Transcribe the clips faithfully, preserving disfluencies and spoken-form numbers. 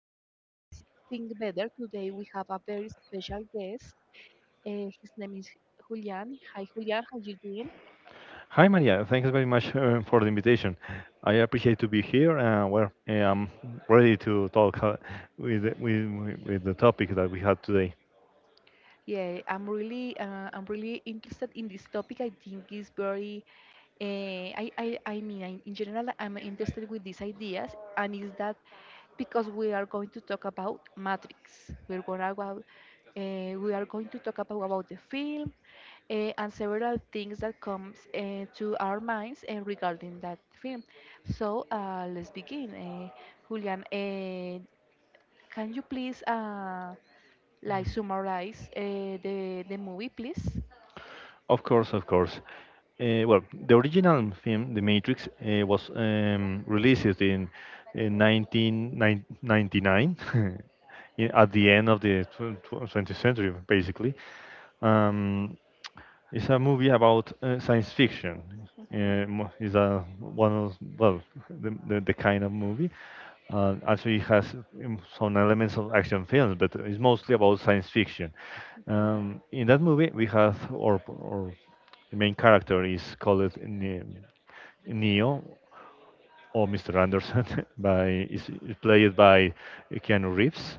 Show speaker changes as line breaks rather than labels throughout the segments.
this podcast Think Better. Today we have a very special guest. Uh, his name is Julian. Hi Julian, how you doing?
Hi Maria, thanks very much uh, for the invitation. I appreciate to be here, and well, eh, I'm ready to talk uh, with, with with the topic that we had today.
Yeah, I'm really uh, I'm really interested in this topic. I think it's very uh, I, I I mean I, in general I'm interested with these ideas and is that because we are going to talk about Matrix. We're gonna go out, uh, we are going to talk about, about the film uh, and several things that comes uh, to our minds uh, regarding that film. So uh, let's begin. Uh, Julian, uh, can you please uh, like summarize uh, the the movie, please.
Of course, of course. Uh, well, the original film, The Matrix, uh, was um, released in, in nineteen ninety-nine, in- at the end of the tw- tw- twentieth century, basically. Um, It's a movie about uh, science fiction.
Mhm,
Uh, mo- it's a one of well the, the, the kind of movie. Uh, actually, it has um, some elements of action films, but it's mostly about science fiction.
mhm,
Um, in that movie, we have our, our main character is called uh, Ne- Neo, or mister Anderson by is played by Keanu Reeves.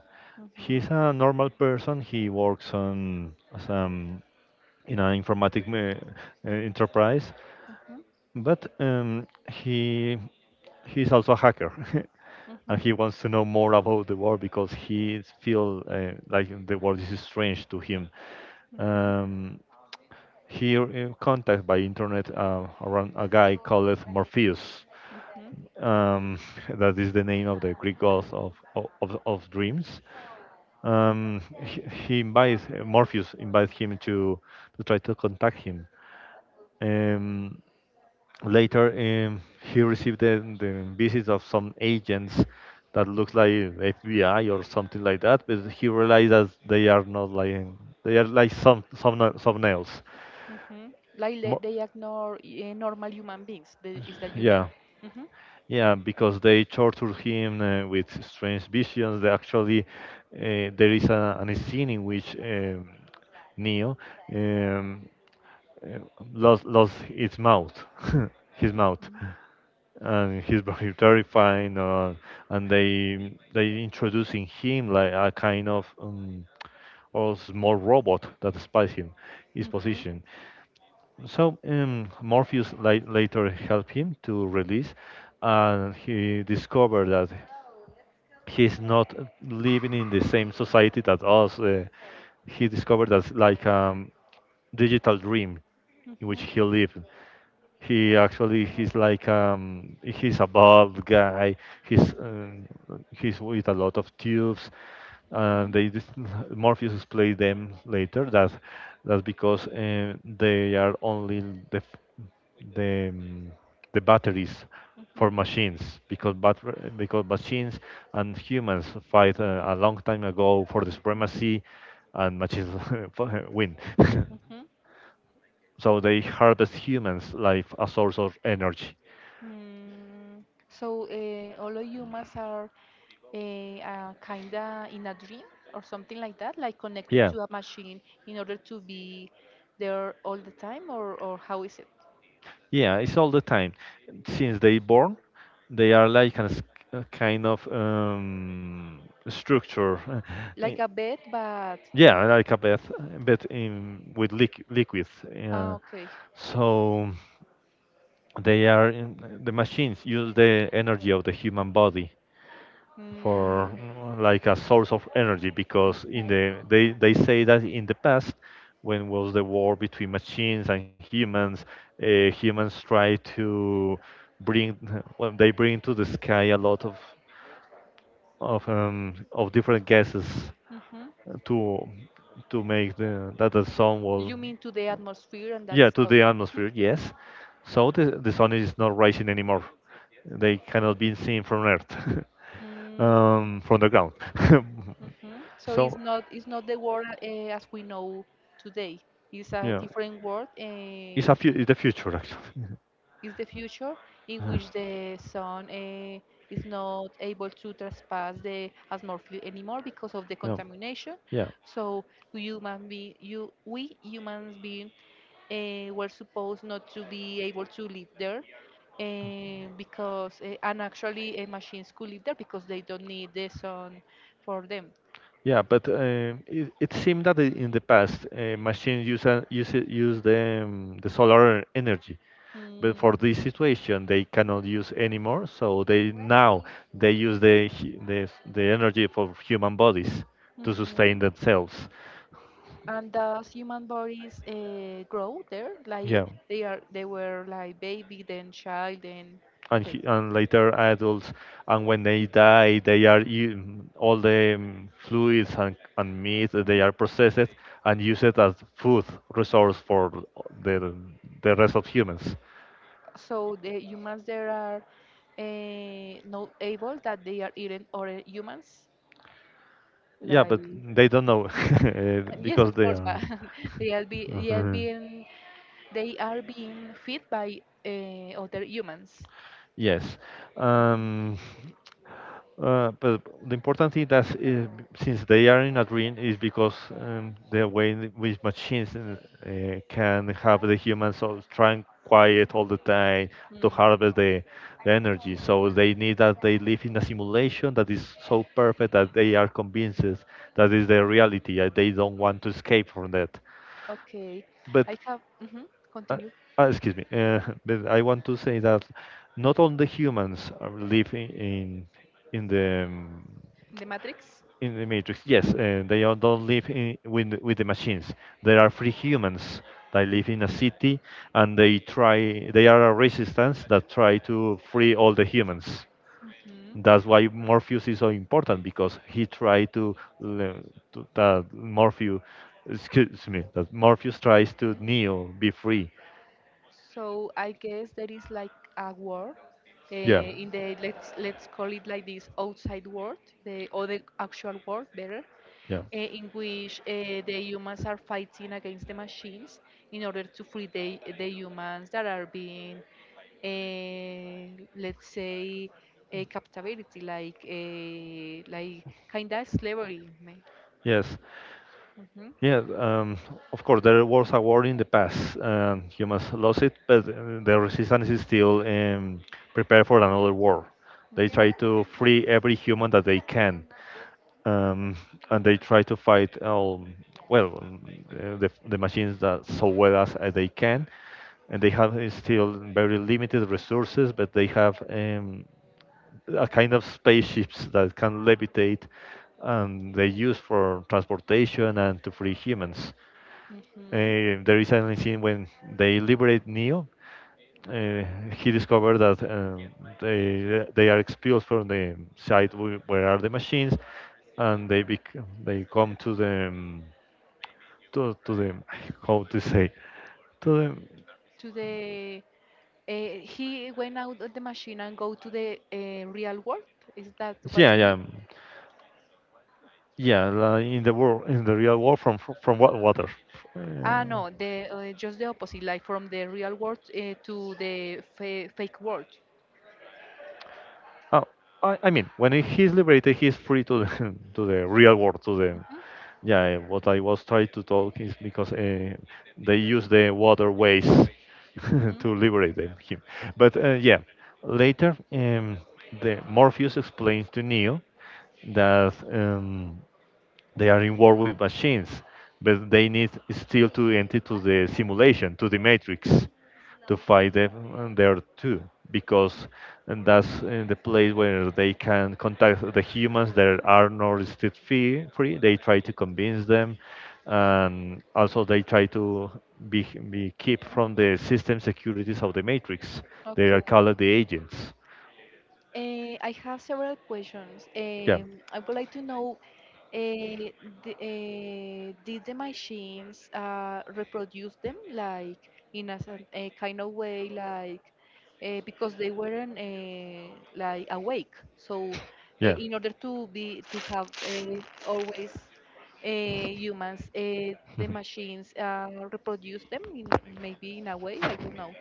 He's
mhm,
a normal person. He works on some in an informatic uh, uh, enterprise,
mhm,
but um, he he's also a hacker,
mhm,
and he wants to know more about the world because he feels uh, like the world is strange to him.
mhm,
Um, he uh, contacted by internet uh, around a guy called Morpheus.
mhm,
Um, that is the name of the Greek god of, of, of dreams. Um, he, he invites Morpheus invites him to to try to contact him. Um, Later, um, he received the, the visits of some agents that looks like F B I or something like that, but he realized that they are not like they are like some some some nails.
mhm. Like le-
Mo-
they ignore uh, normal human beings. The, is that you mean?
yeah,
Mhm,
yeah, because they torture him uh, with strange visions. They actually, uh, there is a, an scene in which um, Neo um, uh, lost lost its mouth, his mouth,
mhm,
and he's very terrifying. Uh, and they they introducing him like a kind of um, or small robot that spies him, his
mhm,
position. So um, Morpheus la- later helped him to release, and he discovered that he's not living in the same society that us. Uh, he discovered that's like um, digital dream in which
mhm,
he lived. He actually he's like um he's a bald guy. He's um, he's with a lot of tubes. And
mhm,
they dis- Morpheus explained them later that that's because uh, they are only the f- the um, the batteries for
mhm,
machines because batter- because machines and humans fight uh, a long time ago for the supremacy and machines win.
mhm.
So they harvest humans' life a source of energy.
Mm, so uh, all of humans are eh, uh, kinda in a dream or something like that, like connected
Yeah,
to a machine in order to be there all the time, or or how is it?
yeah, it's all the time. Since they born, they are like a, s- a kind of um, structure.
Like
eh,
a bed, but
Yeah, like a bath, but in with liqu liquids.
ah,
Yeah.
okay.
So they are in, the machines use the energy of the human body for
Mm,
mm, like a source of energy because in
hmm,
the they, they say that in the past when was the war between machines and humans uh, humans try to bring well, they bring to the sky a lot of of um, of different gases
hmm.
to to make the that the sun will
You mean to the atmosphere and that
yeah to
stuff.
the
Hmm.
atmosphere yes so the, the sun is not rising anymore, they cannot be seen from earth
Mm,
um, from the ground
hmm. So it's
So
not, it's not the world uh, as we know today. It's a
yeah,
different world. Uh,
it's a fu- it's the future actually.
it's the future in
Uh,
which the sun uh, is not able to trespass the atmosphere anymore because of the
yeah,
contamination.
yeah,
So human be you we humans being uh, were supposed not to be able to live there eh, because eh, and actually uh, machines could live there because they don't need the sun for them.
yeah. But um, it, it seemed that i- in the past, uh, machines use a- use it- use the um, the solar energy, but for
Mm,
this situation they cannot use anymore. So they now they use the hu- the the energy for human bodies to
mhm.
sustain themselves.
And thus human bodies uh, grow there, like
Yeah.
they are they were like baby, then child, then
and
okay.
hu- and later adults, and when they die they are u- all the um, fluids and, and meat that they
Mhm.
are processed and used as food resource for the the rest of humans.
So the humans there are uh, not able that they are eating other humans,
Yeah,
like.
but
Uh,
they don't know eh,
Yes,
because
of
they
course, but
are
they are be they are
Uh-huh.
being. They are being fed by uh, other humans.
Yes. um Uh, but the important thing that is, since they are in a dream is because um, the way in which machines uh, uh, can have the humans soul trying quiet all the time to
Hmm.
harvest the, the energy. So they need that they live in a simulation that is so perfect that they are convinced that is their reality. Uh, they don't want to escape from that.
Okay. I
But
have. Mhm,
uh,
continue.
uh, excuse me, uh, but I want to say that not all the humans are living in in the um,
In the Matrix.
in the Matrix, yes, and they all don't live in, with the- with the machines. There are free humans that live in a city, and they try. They are a resistance that try to free all the humans.
Mhm.
That's why Morpheus is so important because he tried to, le- to that Morpheus, excuse me, that Morpheus tries to
Mhm.
Neo be free.
So I guess there is like a war
Yeah,
uh, in the let's let's call it like this outside world, the or the actual world better,
yeah,
uh, in which uh, the humans are fighting against the machines in order to free the, the humans that are being, uh, let's say, uh, captivity, like uh, like kind of slavery.
yes.
Mm-hmm.
Yeah, um, of course, there was a war in the past, and humans lost it, but uh, the resistance is still um, prepared for another war. They
Hmm,
try to free every human that they can, um, and they try to fight all, well, um, uh, the, the machines that so well as, as they can, and they have uh, still very limited resources, but they have um, a kind of spaceships that can levitate and they use for transportation and to free humans.
hmm.
Uh, there is a scene when they liberate Neo. Uh, he discovered that uh, they they are expelled from the site wh- where are the machines, and they bec- they come to the um, to to the how to say to the
To the uh, he went out of the machine and go to the uh, real world. Is that what
yeah
you
yeah
mean?
yeah like in the world in the real world from from what water.
Ah,
Uh,
no, the uh, just the opposite, like from the real world uh, to the fa fake world.
Oh, I, I mean, when he's liberated, he's free to the, to the real world. To the
Mm-hmm.
yeah, eh, what I was trying to talk is because uh, they use the waterways
Mhm.
to liberate them, him. But uh, yeah, later, um, the Morpheus explains to Neo that. Um, they are in war with machines, but they need still to enter to the simulation, to the matrix, to fight them there too, because and that's uh, the place where they can contact the humans that are not still free. free. They try to convince them, and also they try to be, be keep from the system securities of the matrix. They are
Okay.
called the agents.
Eh, I have several questions.
Yeah,
Um, I would like to know, eh, the, eh, did the machines uh, reproduce them like in a, some- a kind of way, like eh, because they weren't eh, like awake. So, eh,
yeah.
in order to be to have eh, always eh, humans, eh, the machines uh, reproduce them in maybe in a way. I don't know.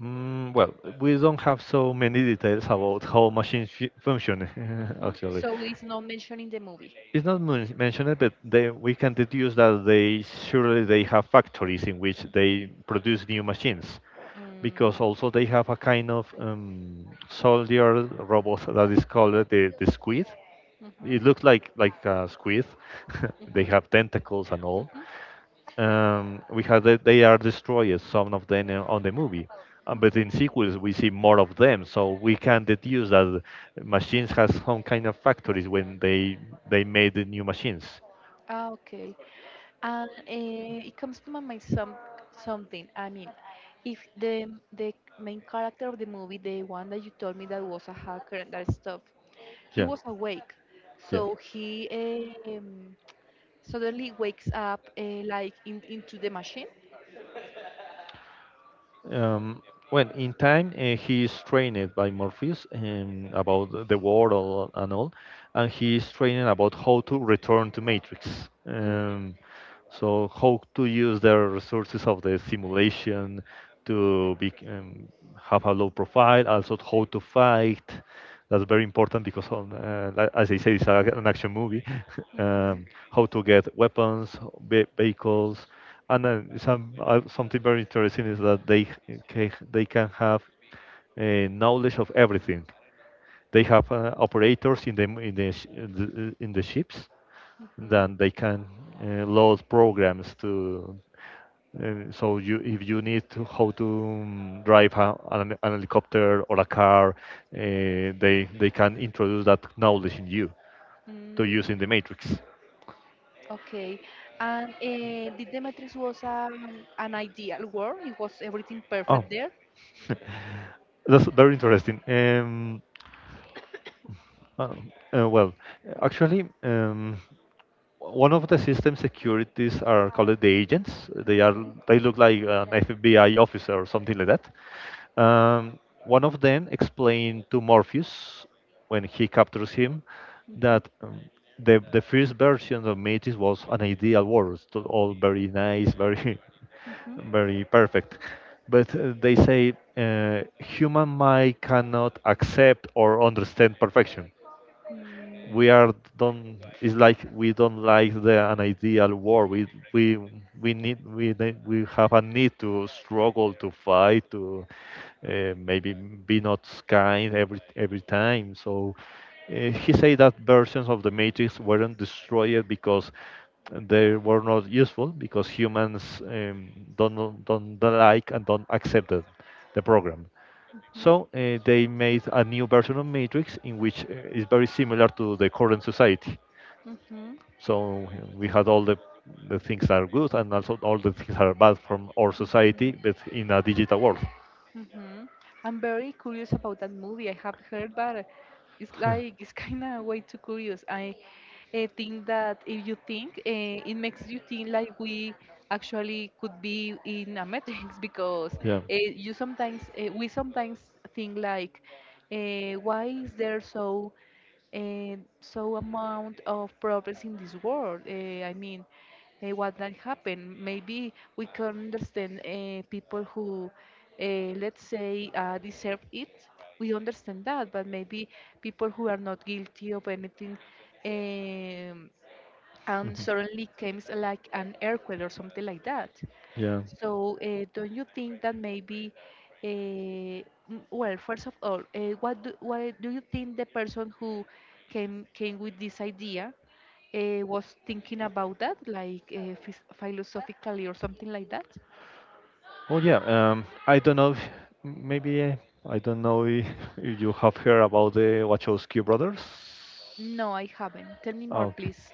Mm, well, we don't have so many details about how machines fu- function,
Hmm.
actually.
So it's not mentioned in the movie.
It's not men- mentioned, but they, we can deduce that they surely they have factories in which they produce new machines, because
Mm-hmm.
also they have a kind of um, soldier robot that is called the, the squid. It
Mm-hmm.
looks like like a squid. They
Mm-hmm.
have tentacles and all.
Mm-hmm.
Um, we have that they are destroyed, some of them uh, on the movie. Uh, but
Hmm.
in sequels we see more of them, so we can deduce that machines has some kind of factories when they they made the new machines.
Ah, okay. And uh, it comes to my mind some something. I mean, if the the main character of the movie, the one that you told me that was a hacker and that stuff, he
Yeah,
was awake,
yeah.
so he um, suddenly wakes up uh, like in, into the machine.
Um, well, in time, uh, he is trained by Morpheus um, about the world and all, and he is trained about how to return to Matrix.
Mm-hmm.
Um, so how to use the resources of the simulation to be, um, have a low profile, also how to fight. That's very important because, on, uh, like, as I say, it's a, an action movie. um, how to get weapons, ve- vehicles. And then some uh, something very interesting is that they ca- they can have uh, knowledge of everything. They have uh, operators in the in the sh- in the in the ships. Then they can uh, load programs to. Uh, so you if you need to how to um, drive a, an, an helicopter or a car, uh, they they can introduce that knowledge in you to use
Mm-hmm.
in the matrix.
Okay. And uh, the Demetrius was um, an ideal world? It was everything
Oh,
perfect there?
that's very interesting. Um, Um, uh, well, actually, um, one of the system securities are called the agents. They are
Mm-hmm.
they look like an F B I officer or something like that. Um, one of them explained to Morpheus when he captures him
Hmm.
that um, the the first version of Metis was an ideal world, so all very nice, very very perfect. But uh, they say uh, human mind cannot accept or understand perfection, we are don't it's like we don't like the an ideal war, we we we need we need, we have a need to struggle to fight to uh, maybe be not kind every every time. So uh, he said that versions of the matrix weren't destroyed because they were not useful because humans um, don't don't don't like and don't accept the the program. So uh, they made a new version of Matrix in which uh, is very similar to the current society.
Mm-hmm. hmm,
So uh, we had all the, the things that are good and also all the things that are bad from our
hmm,
society, but in a digital world.
hmm. I'm very curious about that movie. I have heard, but it's like it's kind of way too curious. I, uh think that if you think, uh, it makes you think like we actually could be in a matrix because
Yeah,
uh, you sometimes uh, we sometimes think like, uh, why is there so eh, so amount of problems in this world. eh, I mean, eh, what that happened? Maybe we can understand eh, people who, eh, let's say, uh, deserve it. We understand that, but maybe people who are not guilty of anything, um, and suddenly comes like an earthquake or something like that.
yeah.
So, uh, don't you think that maybe, uh, m- well, first of all, uh, what do, what do you think the person who came came with this idea uh, was thinking about that, like uh, phys philosophically or something like that?
Oh yeah, um, I don't know. If, m- Maybe uh, I don't know if, if you have heard about the Wachowski brothers.
No, I haven't. Tell me more,
Oh,
please.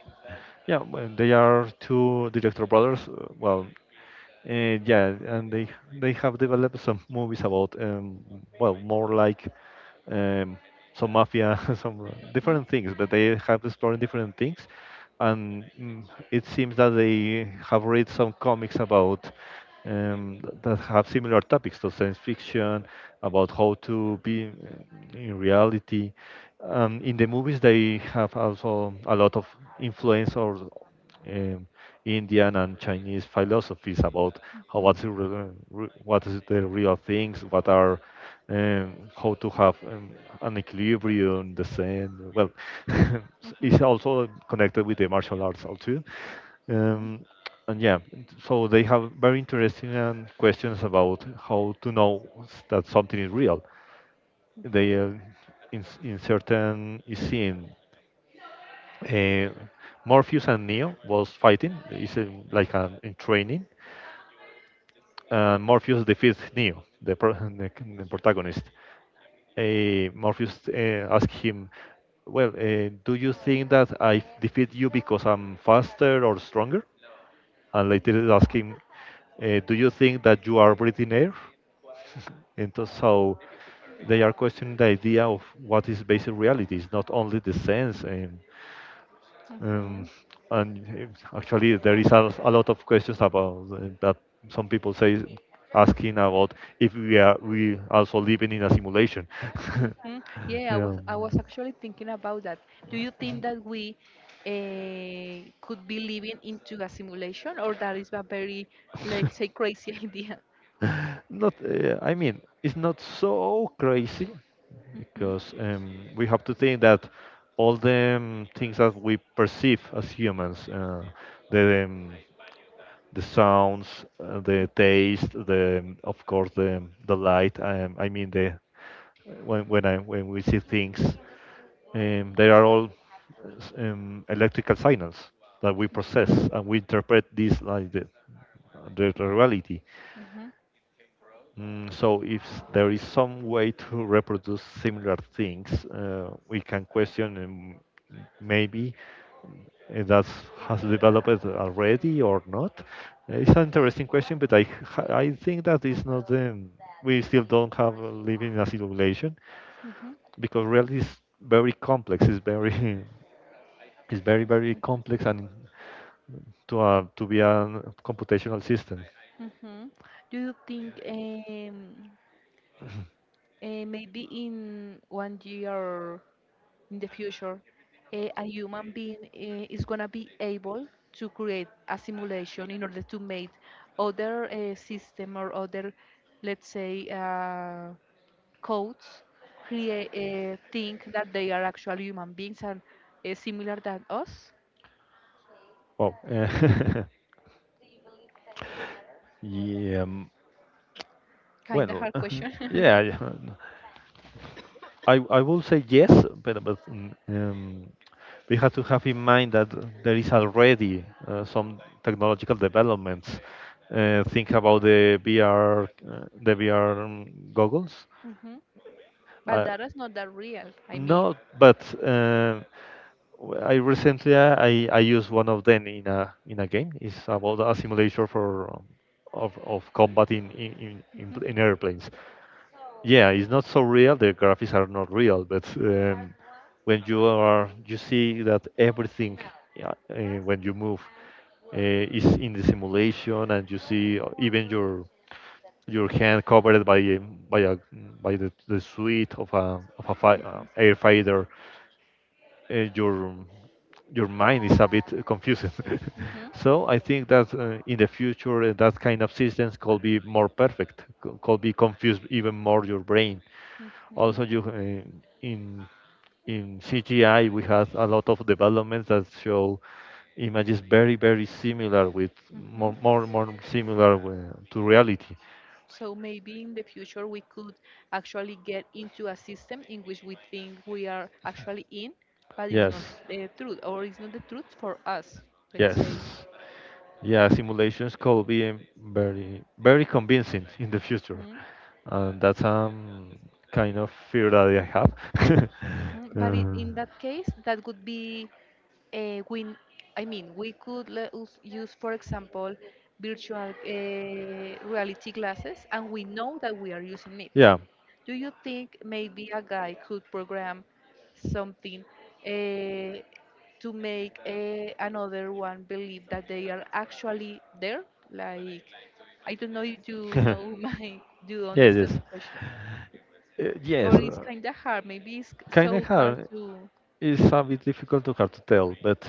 yeah, well, they are two director brothers. uh, Well, uh, yeah, and they they have developed some movies about um, well, more like um, some mafia, some
Mhm,
different things, but they have explored different things, and mm, it seems that they have read some comics about um, th- that have similar topics to science fiction, about how to be uh, in reality. Um, in the movies, they have also a lot of influence or um, Indian and Chinese philosophies about how
mhm,
what's the, re- re- what is the real things, what are um, how to have um, an equilibrium, the same. Well,
mhm,
it's also connected with the martial arts also.
mhm,
Um, and yeah, so they have very interesting um, questions about how to know that something is real. They
mhm,
uh, in, in certain scene uh, Morpheus and Neo was fighting. It's uh, like an, in training. And Morpheus defeats Neo, the, pro- the, the protagonist. Uh, Morpheus uh, asks him, "Well, uh, do you think that I defeat you because I'm faster or stronger?" And later asks him, uh, "Do you think that you are breathing air?" And thus, so they are questioning the idea of what is basic reality. It's not only the sense. Um, Um,
mhm.
and it's- actually, there is a, a lot of questions about uh, that. Some people say asking about if we are we also living in a simulation.
Hmm. Yeah, I was,
Yeah.
I was actually thinking about that. Do you think that we uh, could be living into a simulation, or that is a very, let's say, crazy idea?
not, uh, I mean, it's not so crazy
Hmm,
because um, we have to think that all the um, things that we perceive as humans, uh, the um, the sounds, uh, the taste, the um, of course the um, the light. Um, I mean the when when I when we see things, um, they are all s- um, electrical signals that we process and we interpret this like the the reality.
hmm,
Mm, so if s- there is some way to reproduce similar things, uh, we can question um, maybe uh, that has developed already or not. Uh, It's an interesting question, but I h- I think that is not the we still don't have uh, living in a simulation,
hmm,
because reality is very complex. It's very it's very very complex and to uh, to be a computational system.
hmm, hmm. Do you think um, uh, maybe in one year in the future, eh, a human being eh, is going to be able to create a simulation in order to make other uh, system or other, let's say, uh, codes create uh, think that they are actual human beings and uh, similar than us.
Oh, uh, yeah. um,
Kind of
Well,
hard question.
yeah. Yeah. I, I will say yes, but, but mm, um, we have to have in mind that there is already uh, some technological developments. Uh, think about the V R, uh, the V R um, goggles.
Hmm. But
Uh,
that is not that real. I
no,
mean,
but uh, w- I recently uh, I, I used one of them in a in a game. It's about a simulator for um, of, of combat in in, in, in
mhm.
pl- in airplanes. Yeah, it's not so real. The graphics are not real, but um, when you are, you see that everything, yeah, uh, when you move uh, is in the simulation, and you see uh, even your your hand covered by a, by a by the, the suite of a of a fi- uh, air fighter. Uh, your your mind is a bit confusing.
Mhm.
So I think that uh, in the future uh, that kind of systems could be more perfect, c- could be confused even more your brain.
Mhm.
Also, you uh, in in C G I we have a lot of developments that show images very very similar with more
Mhm.
more more similar uh, to reality.
So maybe in the future we could actually get into a system in which we think we are actually in, but it's
Yes,
not the truth, or it's not the truth for us, let's
yes,
say.
yeah. Simulations could be um, very very convincing in the future,
Mm-hmm.
and that's um kind of fear that I have.
Mhm, but i-
uh,
in that case, that would be uh, we. I mean, we could le- us- use, for example, virtual uh, reality glasses, and we know that we are using it.
yeah.
Do you think maybe a guy could program something uh, to make uh, another one believe that they are actually there? Like, I don't know if you
Yes,
know my, do you understand
yes.
my question?
Uh, yes,
Or it's kind of hard. Maybe it's
kind of
so hard
hard.
to.
It's a bit difficult to hard to tell, but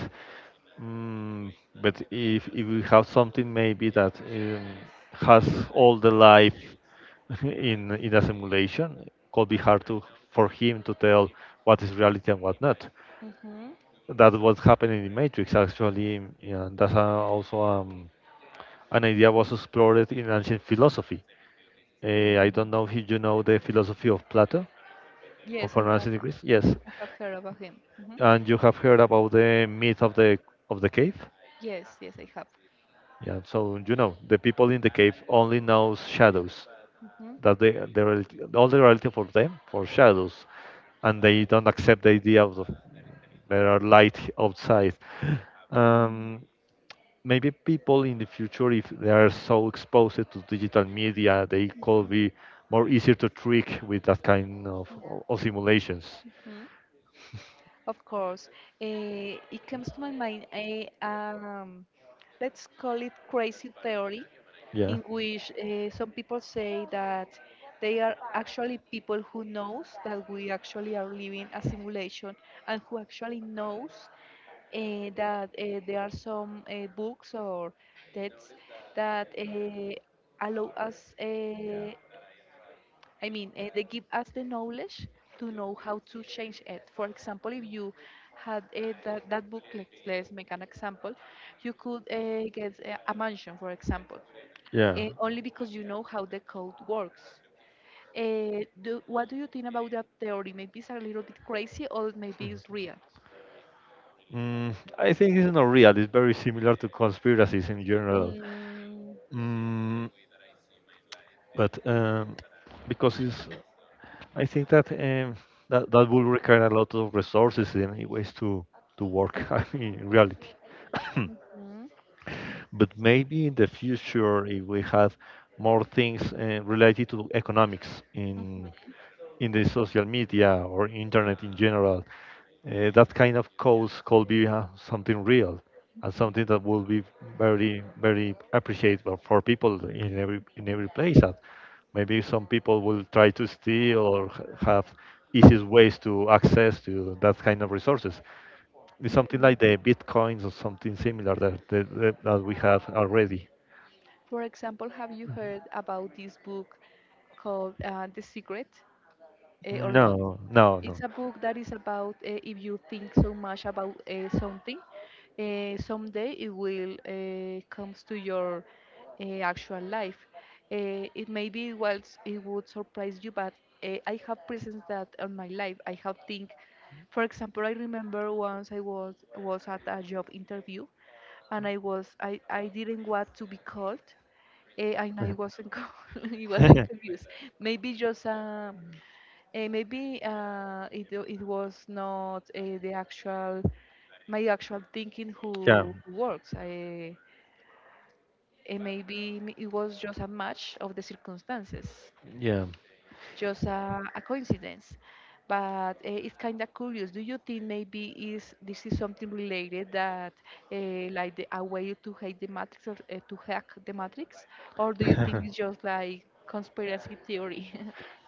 mm, but if if we have something maybe that um, has all the life in in a simulation, could be hard to for him to tell what is reality and what not.
Mm-hmm.
That what happened in the Matrix actually. Yeah, that's a, also um, an idea was explored in ancient philosophy. Uh, I don't
Mm.
know if you know the philosophy of Plato of
Yes, I have.
ancient Greece. Yes,
I have heard about him. Hmm.
and you have heard about the myth of the of the cave.
Yes, yes, I have.
Yeah, so you know, the people in the cave only knows shadows.
Mm-hmm.
That they the reality, all the reality for them for shadows, and they don't accept the idea of the, there are light outside. Um, maybe people in the future, if they are so exposed to digital media, they could be more easier to trick with that kind of, of simulations.
Mm-hmm. Of course, eh, it comes to my mind a um, let's call it crazy theory,
Yeah.
in which uh, some people say that they are actually people who knows that we actually are living a simulation and who actually knows uh, that uh, there are some uh, books or texts that uh, allow us uh, I mean, eh, they give us the knowledge to know how to change it. For example, if you had eh, that, that book, let's, let's make an example, you could uh, get a, a mansion, for example,
Yeah.
eh, only because you know how the code works. Uh, do, what do you think about that theory? Maybe it's a little bit crazy or maybe
Mm-hmm.
it's real.
Mm, I think it's not real. It's very similar to conspiracies in general.
Mm,
Mm, but um, because it's, I think that um, that that will require a lot of resources in any ways to to work. I mean, in reality.
mhm,
But maybe in the future, if we have more things uh, related to economics in in the social media or internet in general, uh, that kind of cause could be uh, something real and
mhm.
something that will be very very appreciated for for people in every in every place. And maybe some people will try to steal or h- have easiest ways to access to that kind of resources. It's something like the bitcoins or something similar that that, that that we have already.
For example, have you heard about this book called uh, The Secret? Uh, or not.
No, no, no.
It's a book that is about uh, if you think so much about uh, something, uh, someday it will uh, comes to your uh, actual life. Uh, it maybe was it would surprise you, but uh, I have presence that on my life. I have think, for example, I remember once I was was at a job interview, and I was I I didn't want to be called, eh, and I wasn't co- I wasn't confused. Maybe just a uh, maybe uh, it, it was not uh, the actual my actual thinking
Yeah,
who, who works. I, eh, maybe m- it was just a match of the circumstances,
yeah.
just a, a coincidence. But uh, it's kind of curious. Do you think maybe is this is something related that uh, like the, a way to hack the matrix, of, uh, to hack the matrix, or do you think it's just like conspiracy theory?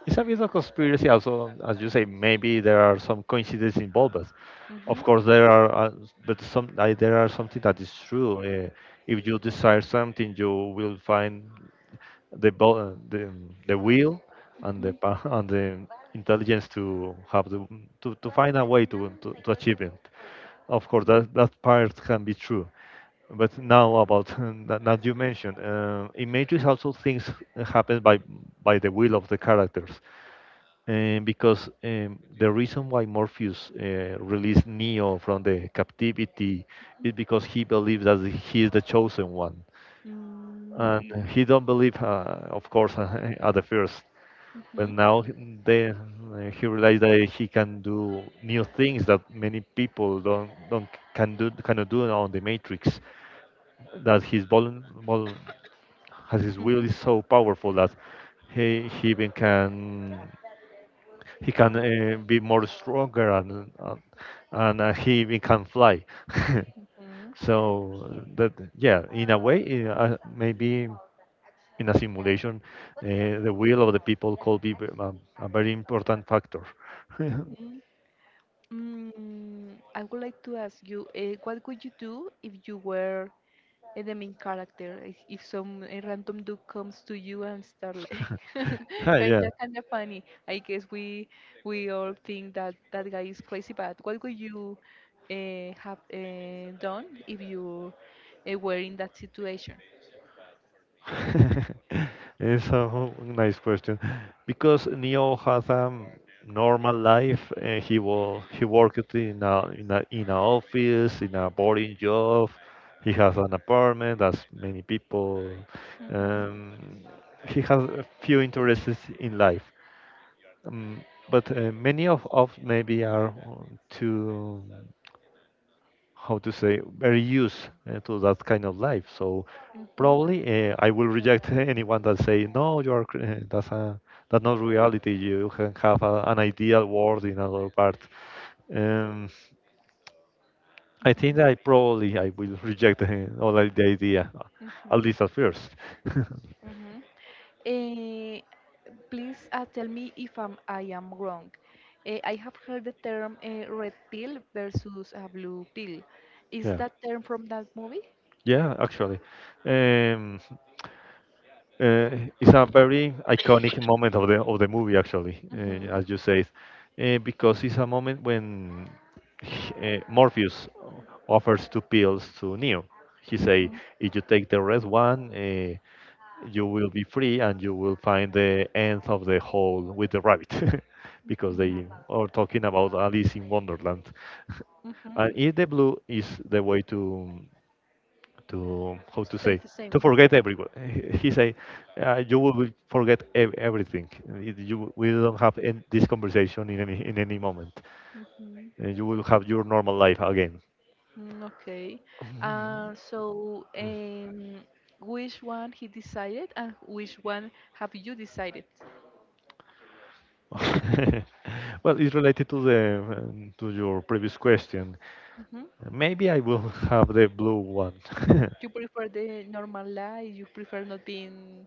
it's a bit of conspiracy. Also, as you say, maybe there are some coincidences involved.
Hmm.
Of course, there are, uh, but some I, there are something that is true. Uh, if you desire something, you will find the bo- uh, the the will and the pa- and the intelligence to have the to, to find a way to, to to achieve it. Of course, that that part can be true. But now about that, that you mentioned, uh, in Matrix also things happen by by the will of the characters. Um, because um, the reason why Morpheus uh, released Neo from the captivity is because he believes that he is the chosen one, and
Mm-hmm.
he don't believe, uh, of course, at the first. But now they, he realized that he can do new things that many people don't don't can do cannot do on the Matrix. That his vol, vol, has his
Mm-hmm.
will is so powerful that he, he even can he can uh, be more stronger and uh, and uh, he even can fly.
Mm,
So that yeah, in a way, uh, uh, maybe in a simulation, uh, the will of the people could be ve- um, a very important factor.
mm, mm, I would like to ask you, uh, what would you do if you were uh, the main character? If, if some a random dude comes to you and start like
Yeah,
kinda kinda funny. I guess we we all think that that guy is crazy, but what would you uh, have uh, done if you uh, were in that situation?
it's a whole- nice question because Neo has a normal life. Uh, he wo he worked in a in a in a office in a boring job. He has an apartment as many people.
Hmm,
Um, he has a few interests in life. Um, but uh, many of of maybe are too, how to say, very used uh, to that kind of life. So
hmm,
probably uh, I will reject anyone that say no, you are cr- uh, that's a that's not reality. You can have a, an ideal world in another part. Um, I think that I probably I will reject uh, all the idea, uh, at
hmm.
least at first.
Mhm. Eh, please uh, tell me if I'm, I am wrong. Eh, I have heard the term uh, red pill versus uh, blue pill. Is
Yeah,
that term from that movie?
yeah, actually. Um, Uh, it's a very iconic moment of the of the movie, actually, uh, as
Hmm,
you said, uh, because it's a moment when h- uh, Morpheus offers two pills to Neo. He say,
hmm,
"If you take the red one, uh, you will be free, and you will find the end of the hole with the rabbit," because
hmm,
they are talking about Alice in Wonderland.
hmm.
And if the blue is the way to to how to
Stay
say
the same.
to forget everyone. He say, uh, you will forget ev- everything. It- You we don't have en- this conversation in any in any moment.
Hmm.
Uh, You will have your normal life again.
Mm, okay. Uh,
Mm.
so, um, which one he decided and which one have you decided?
well, it's related to the um, to your previous question.
Hmm.
Maybe I will have the blue one.
You prefer the normal life? You prefer not being.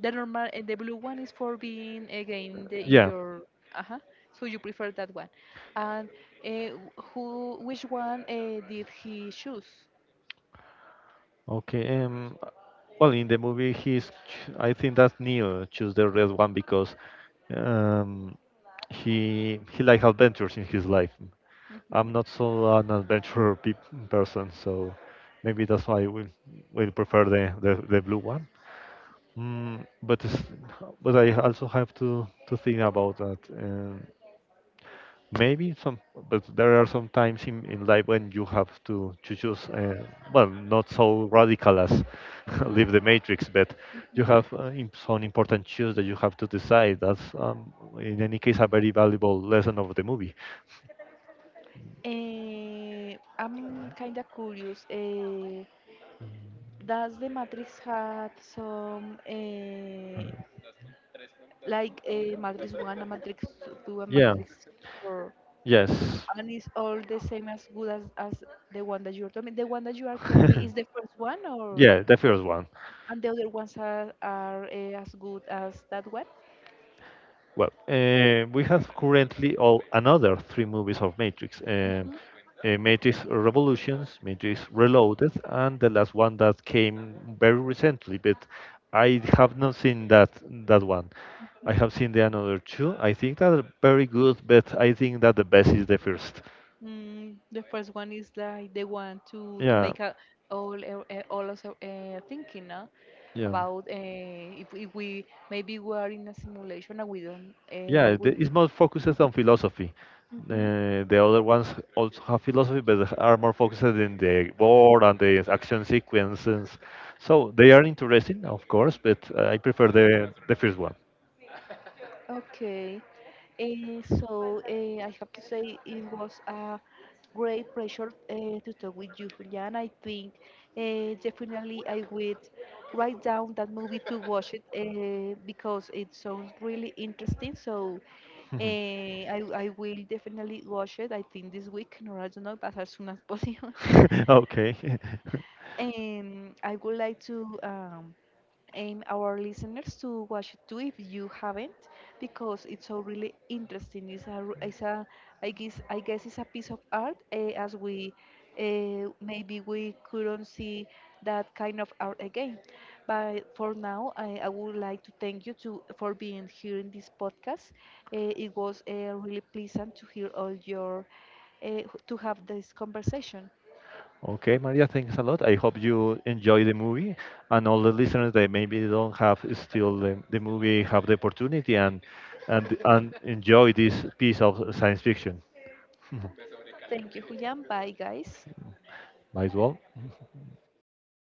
The normal and the blue one is for being again the, in
Yeah.
your uh-huh. So you prefer that one. And uh, who which one uh, did he choose?
Okay. Um, well, in the movie, he's. ch- I think that's Neo choose the red one because um, he he like adventures in his life.
Hmm,
I'm not so an adventurer pe- person, so maybe that's why I will will prefer the, the, the blue one. Mm, but it's, but I also have to to think about that. Uh, Maybe some, but there are some times in, in life when you have to, to choose, uh, well, not so radical as leave the
hmm,
matrix, but you
hmm.
have uh, im- some important choice that you have to decide. That's, um, in any case, a very valuable lesson of the movie.
Eh, I'm kind of curious. Eh, does the matrix have some eh, like a matrix one, a matrix two, a
Yeah,
matrix three, or
yes.
and is all the same as good as as the one that you're telling me? The one that you are telling me is the first one, or?
Yeah, the first one.
And the other ones are, are eh, as good as that one.
Well, uh, we have currently all another three movies of Matrix: um,
Mhm.
uh, Matrix Revolutions, Matrix Reloaded, and the last one that came very recently. But I have not seen that that one. I
Mhm.
have seen the another two. I think that are very good, but I think that the best is the first.
Mm, the first one is like the one to to
Yeah,
make a, all uh, uh, all us uh, uh, thinking no?
yeah.
About uh, if, if we maybe we are in a simulation and we don't
Yeah,
uh,
the-
we
it's more focuses on philosophy.
mhm.
Uh, the other ones also have philosophy, but they are more focused in the war and the action sequences. So they are interesting, of course, but uh, I prefer the the first one.
Okay. Eh, so eh, I have to say it was a great pleasure uh, to talk with you, Julian. I think uh, definitely I would write down that movie to watch it uh, because it sounds really interesting. So uh, I, I will definitely watch it, I think this week, or I don't know, but as soon as possible.
Okay.
And I would like to um, aim our listeners to watch it too if you haven't because it's so really interesting it's a, r- it's a i guess I guess it's a piece of art uh, as we uh, maybe we couldn't see that kind of art again but for now i, I would like to thank you to for being here in this podcast uh, it was uh, really pleasant to hear all your uh, to have this conversation
Okay, Maria, thanks a lot. I hope you enjoy the movie, and all the listeners that maybe don't have still the, the movie have the opportunity and and and enjoy this piece of science fiction.
thank you julian bye guys
Might as well.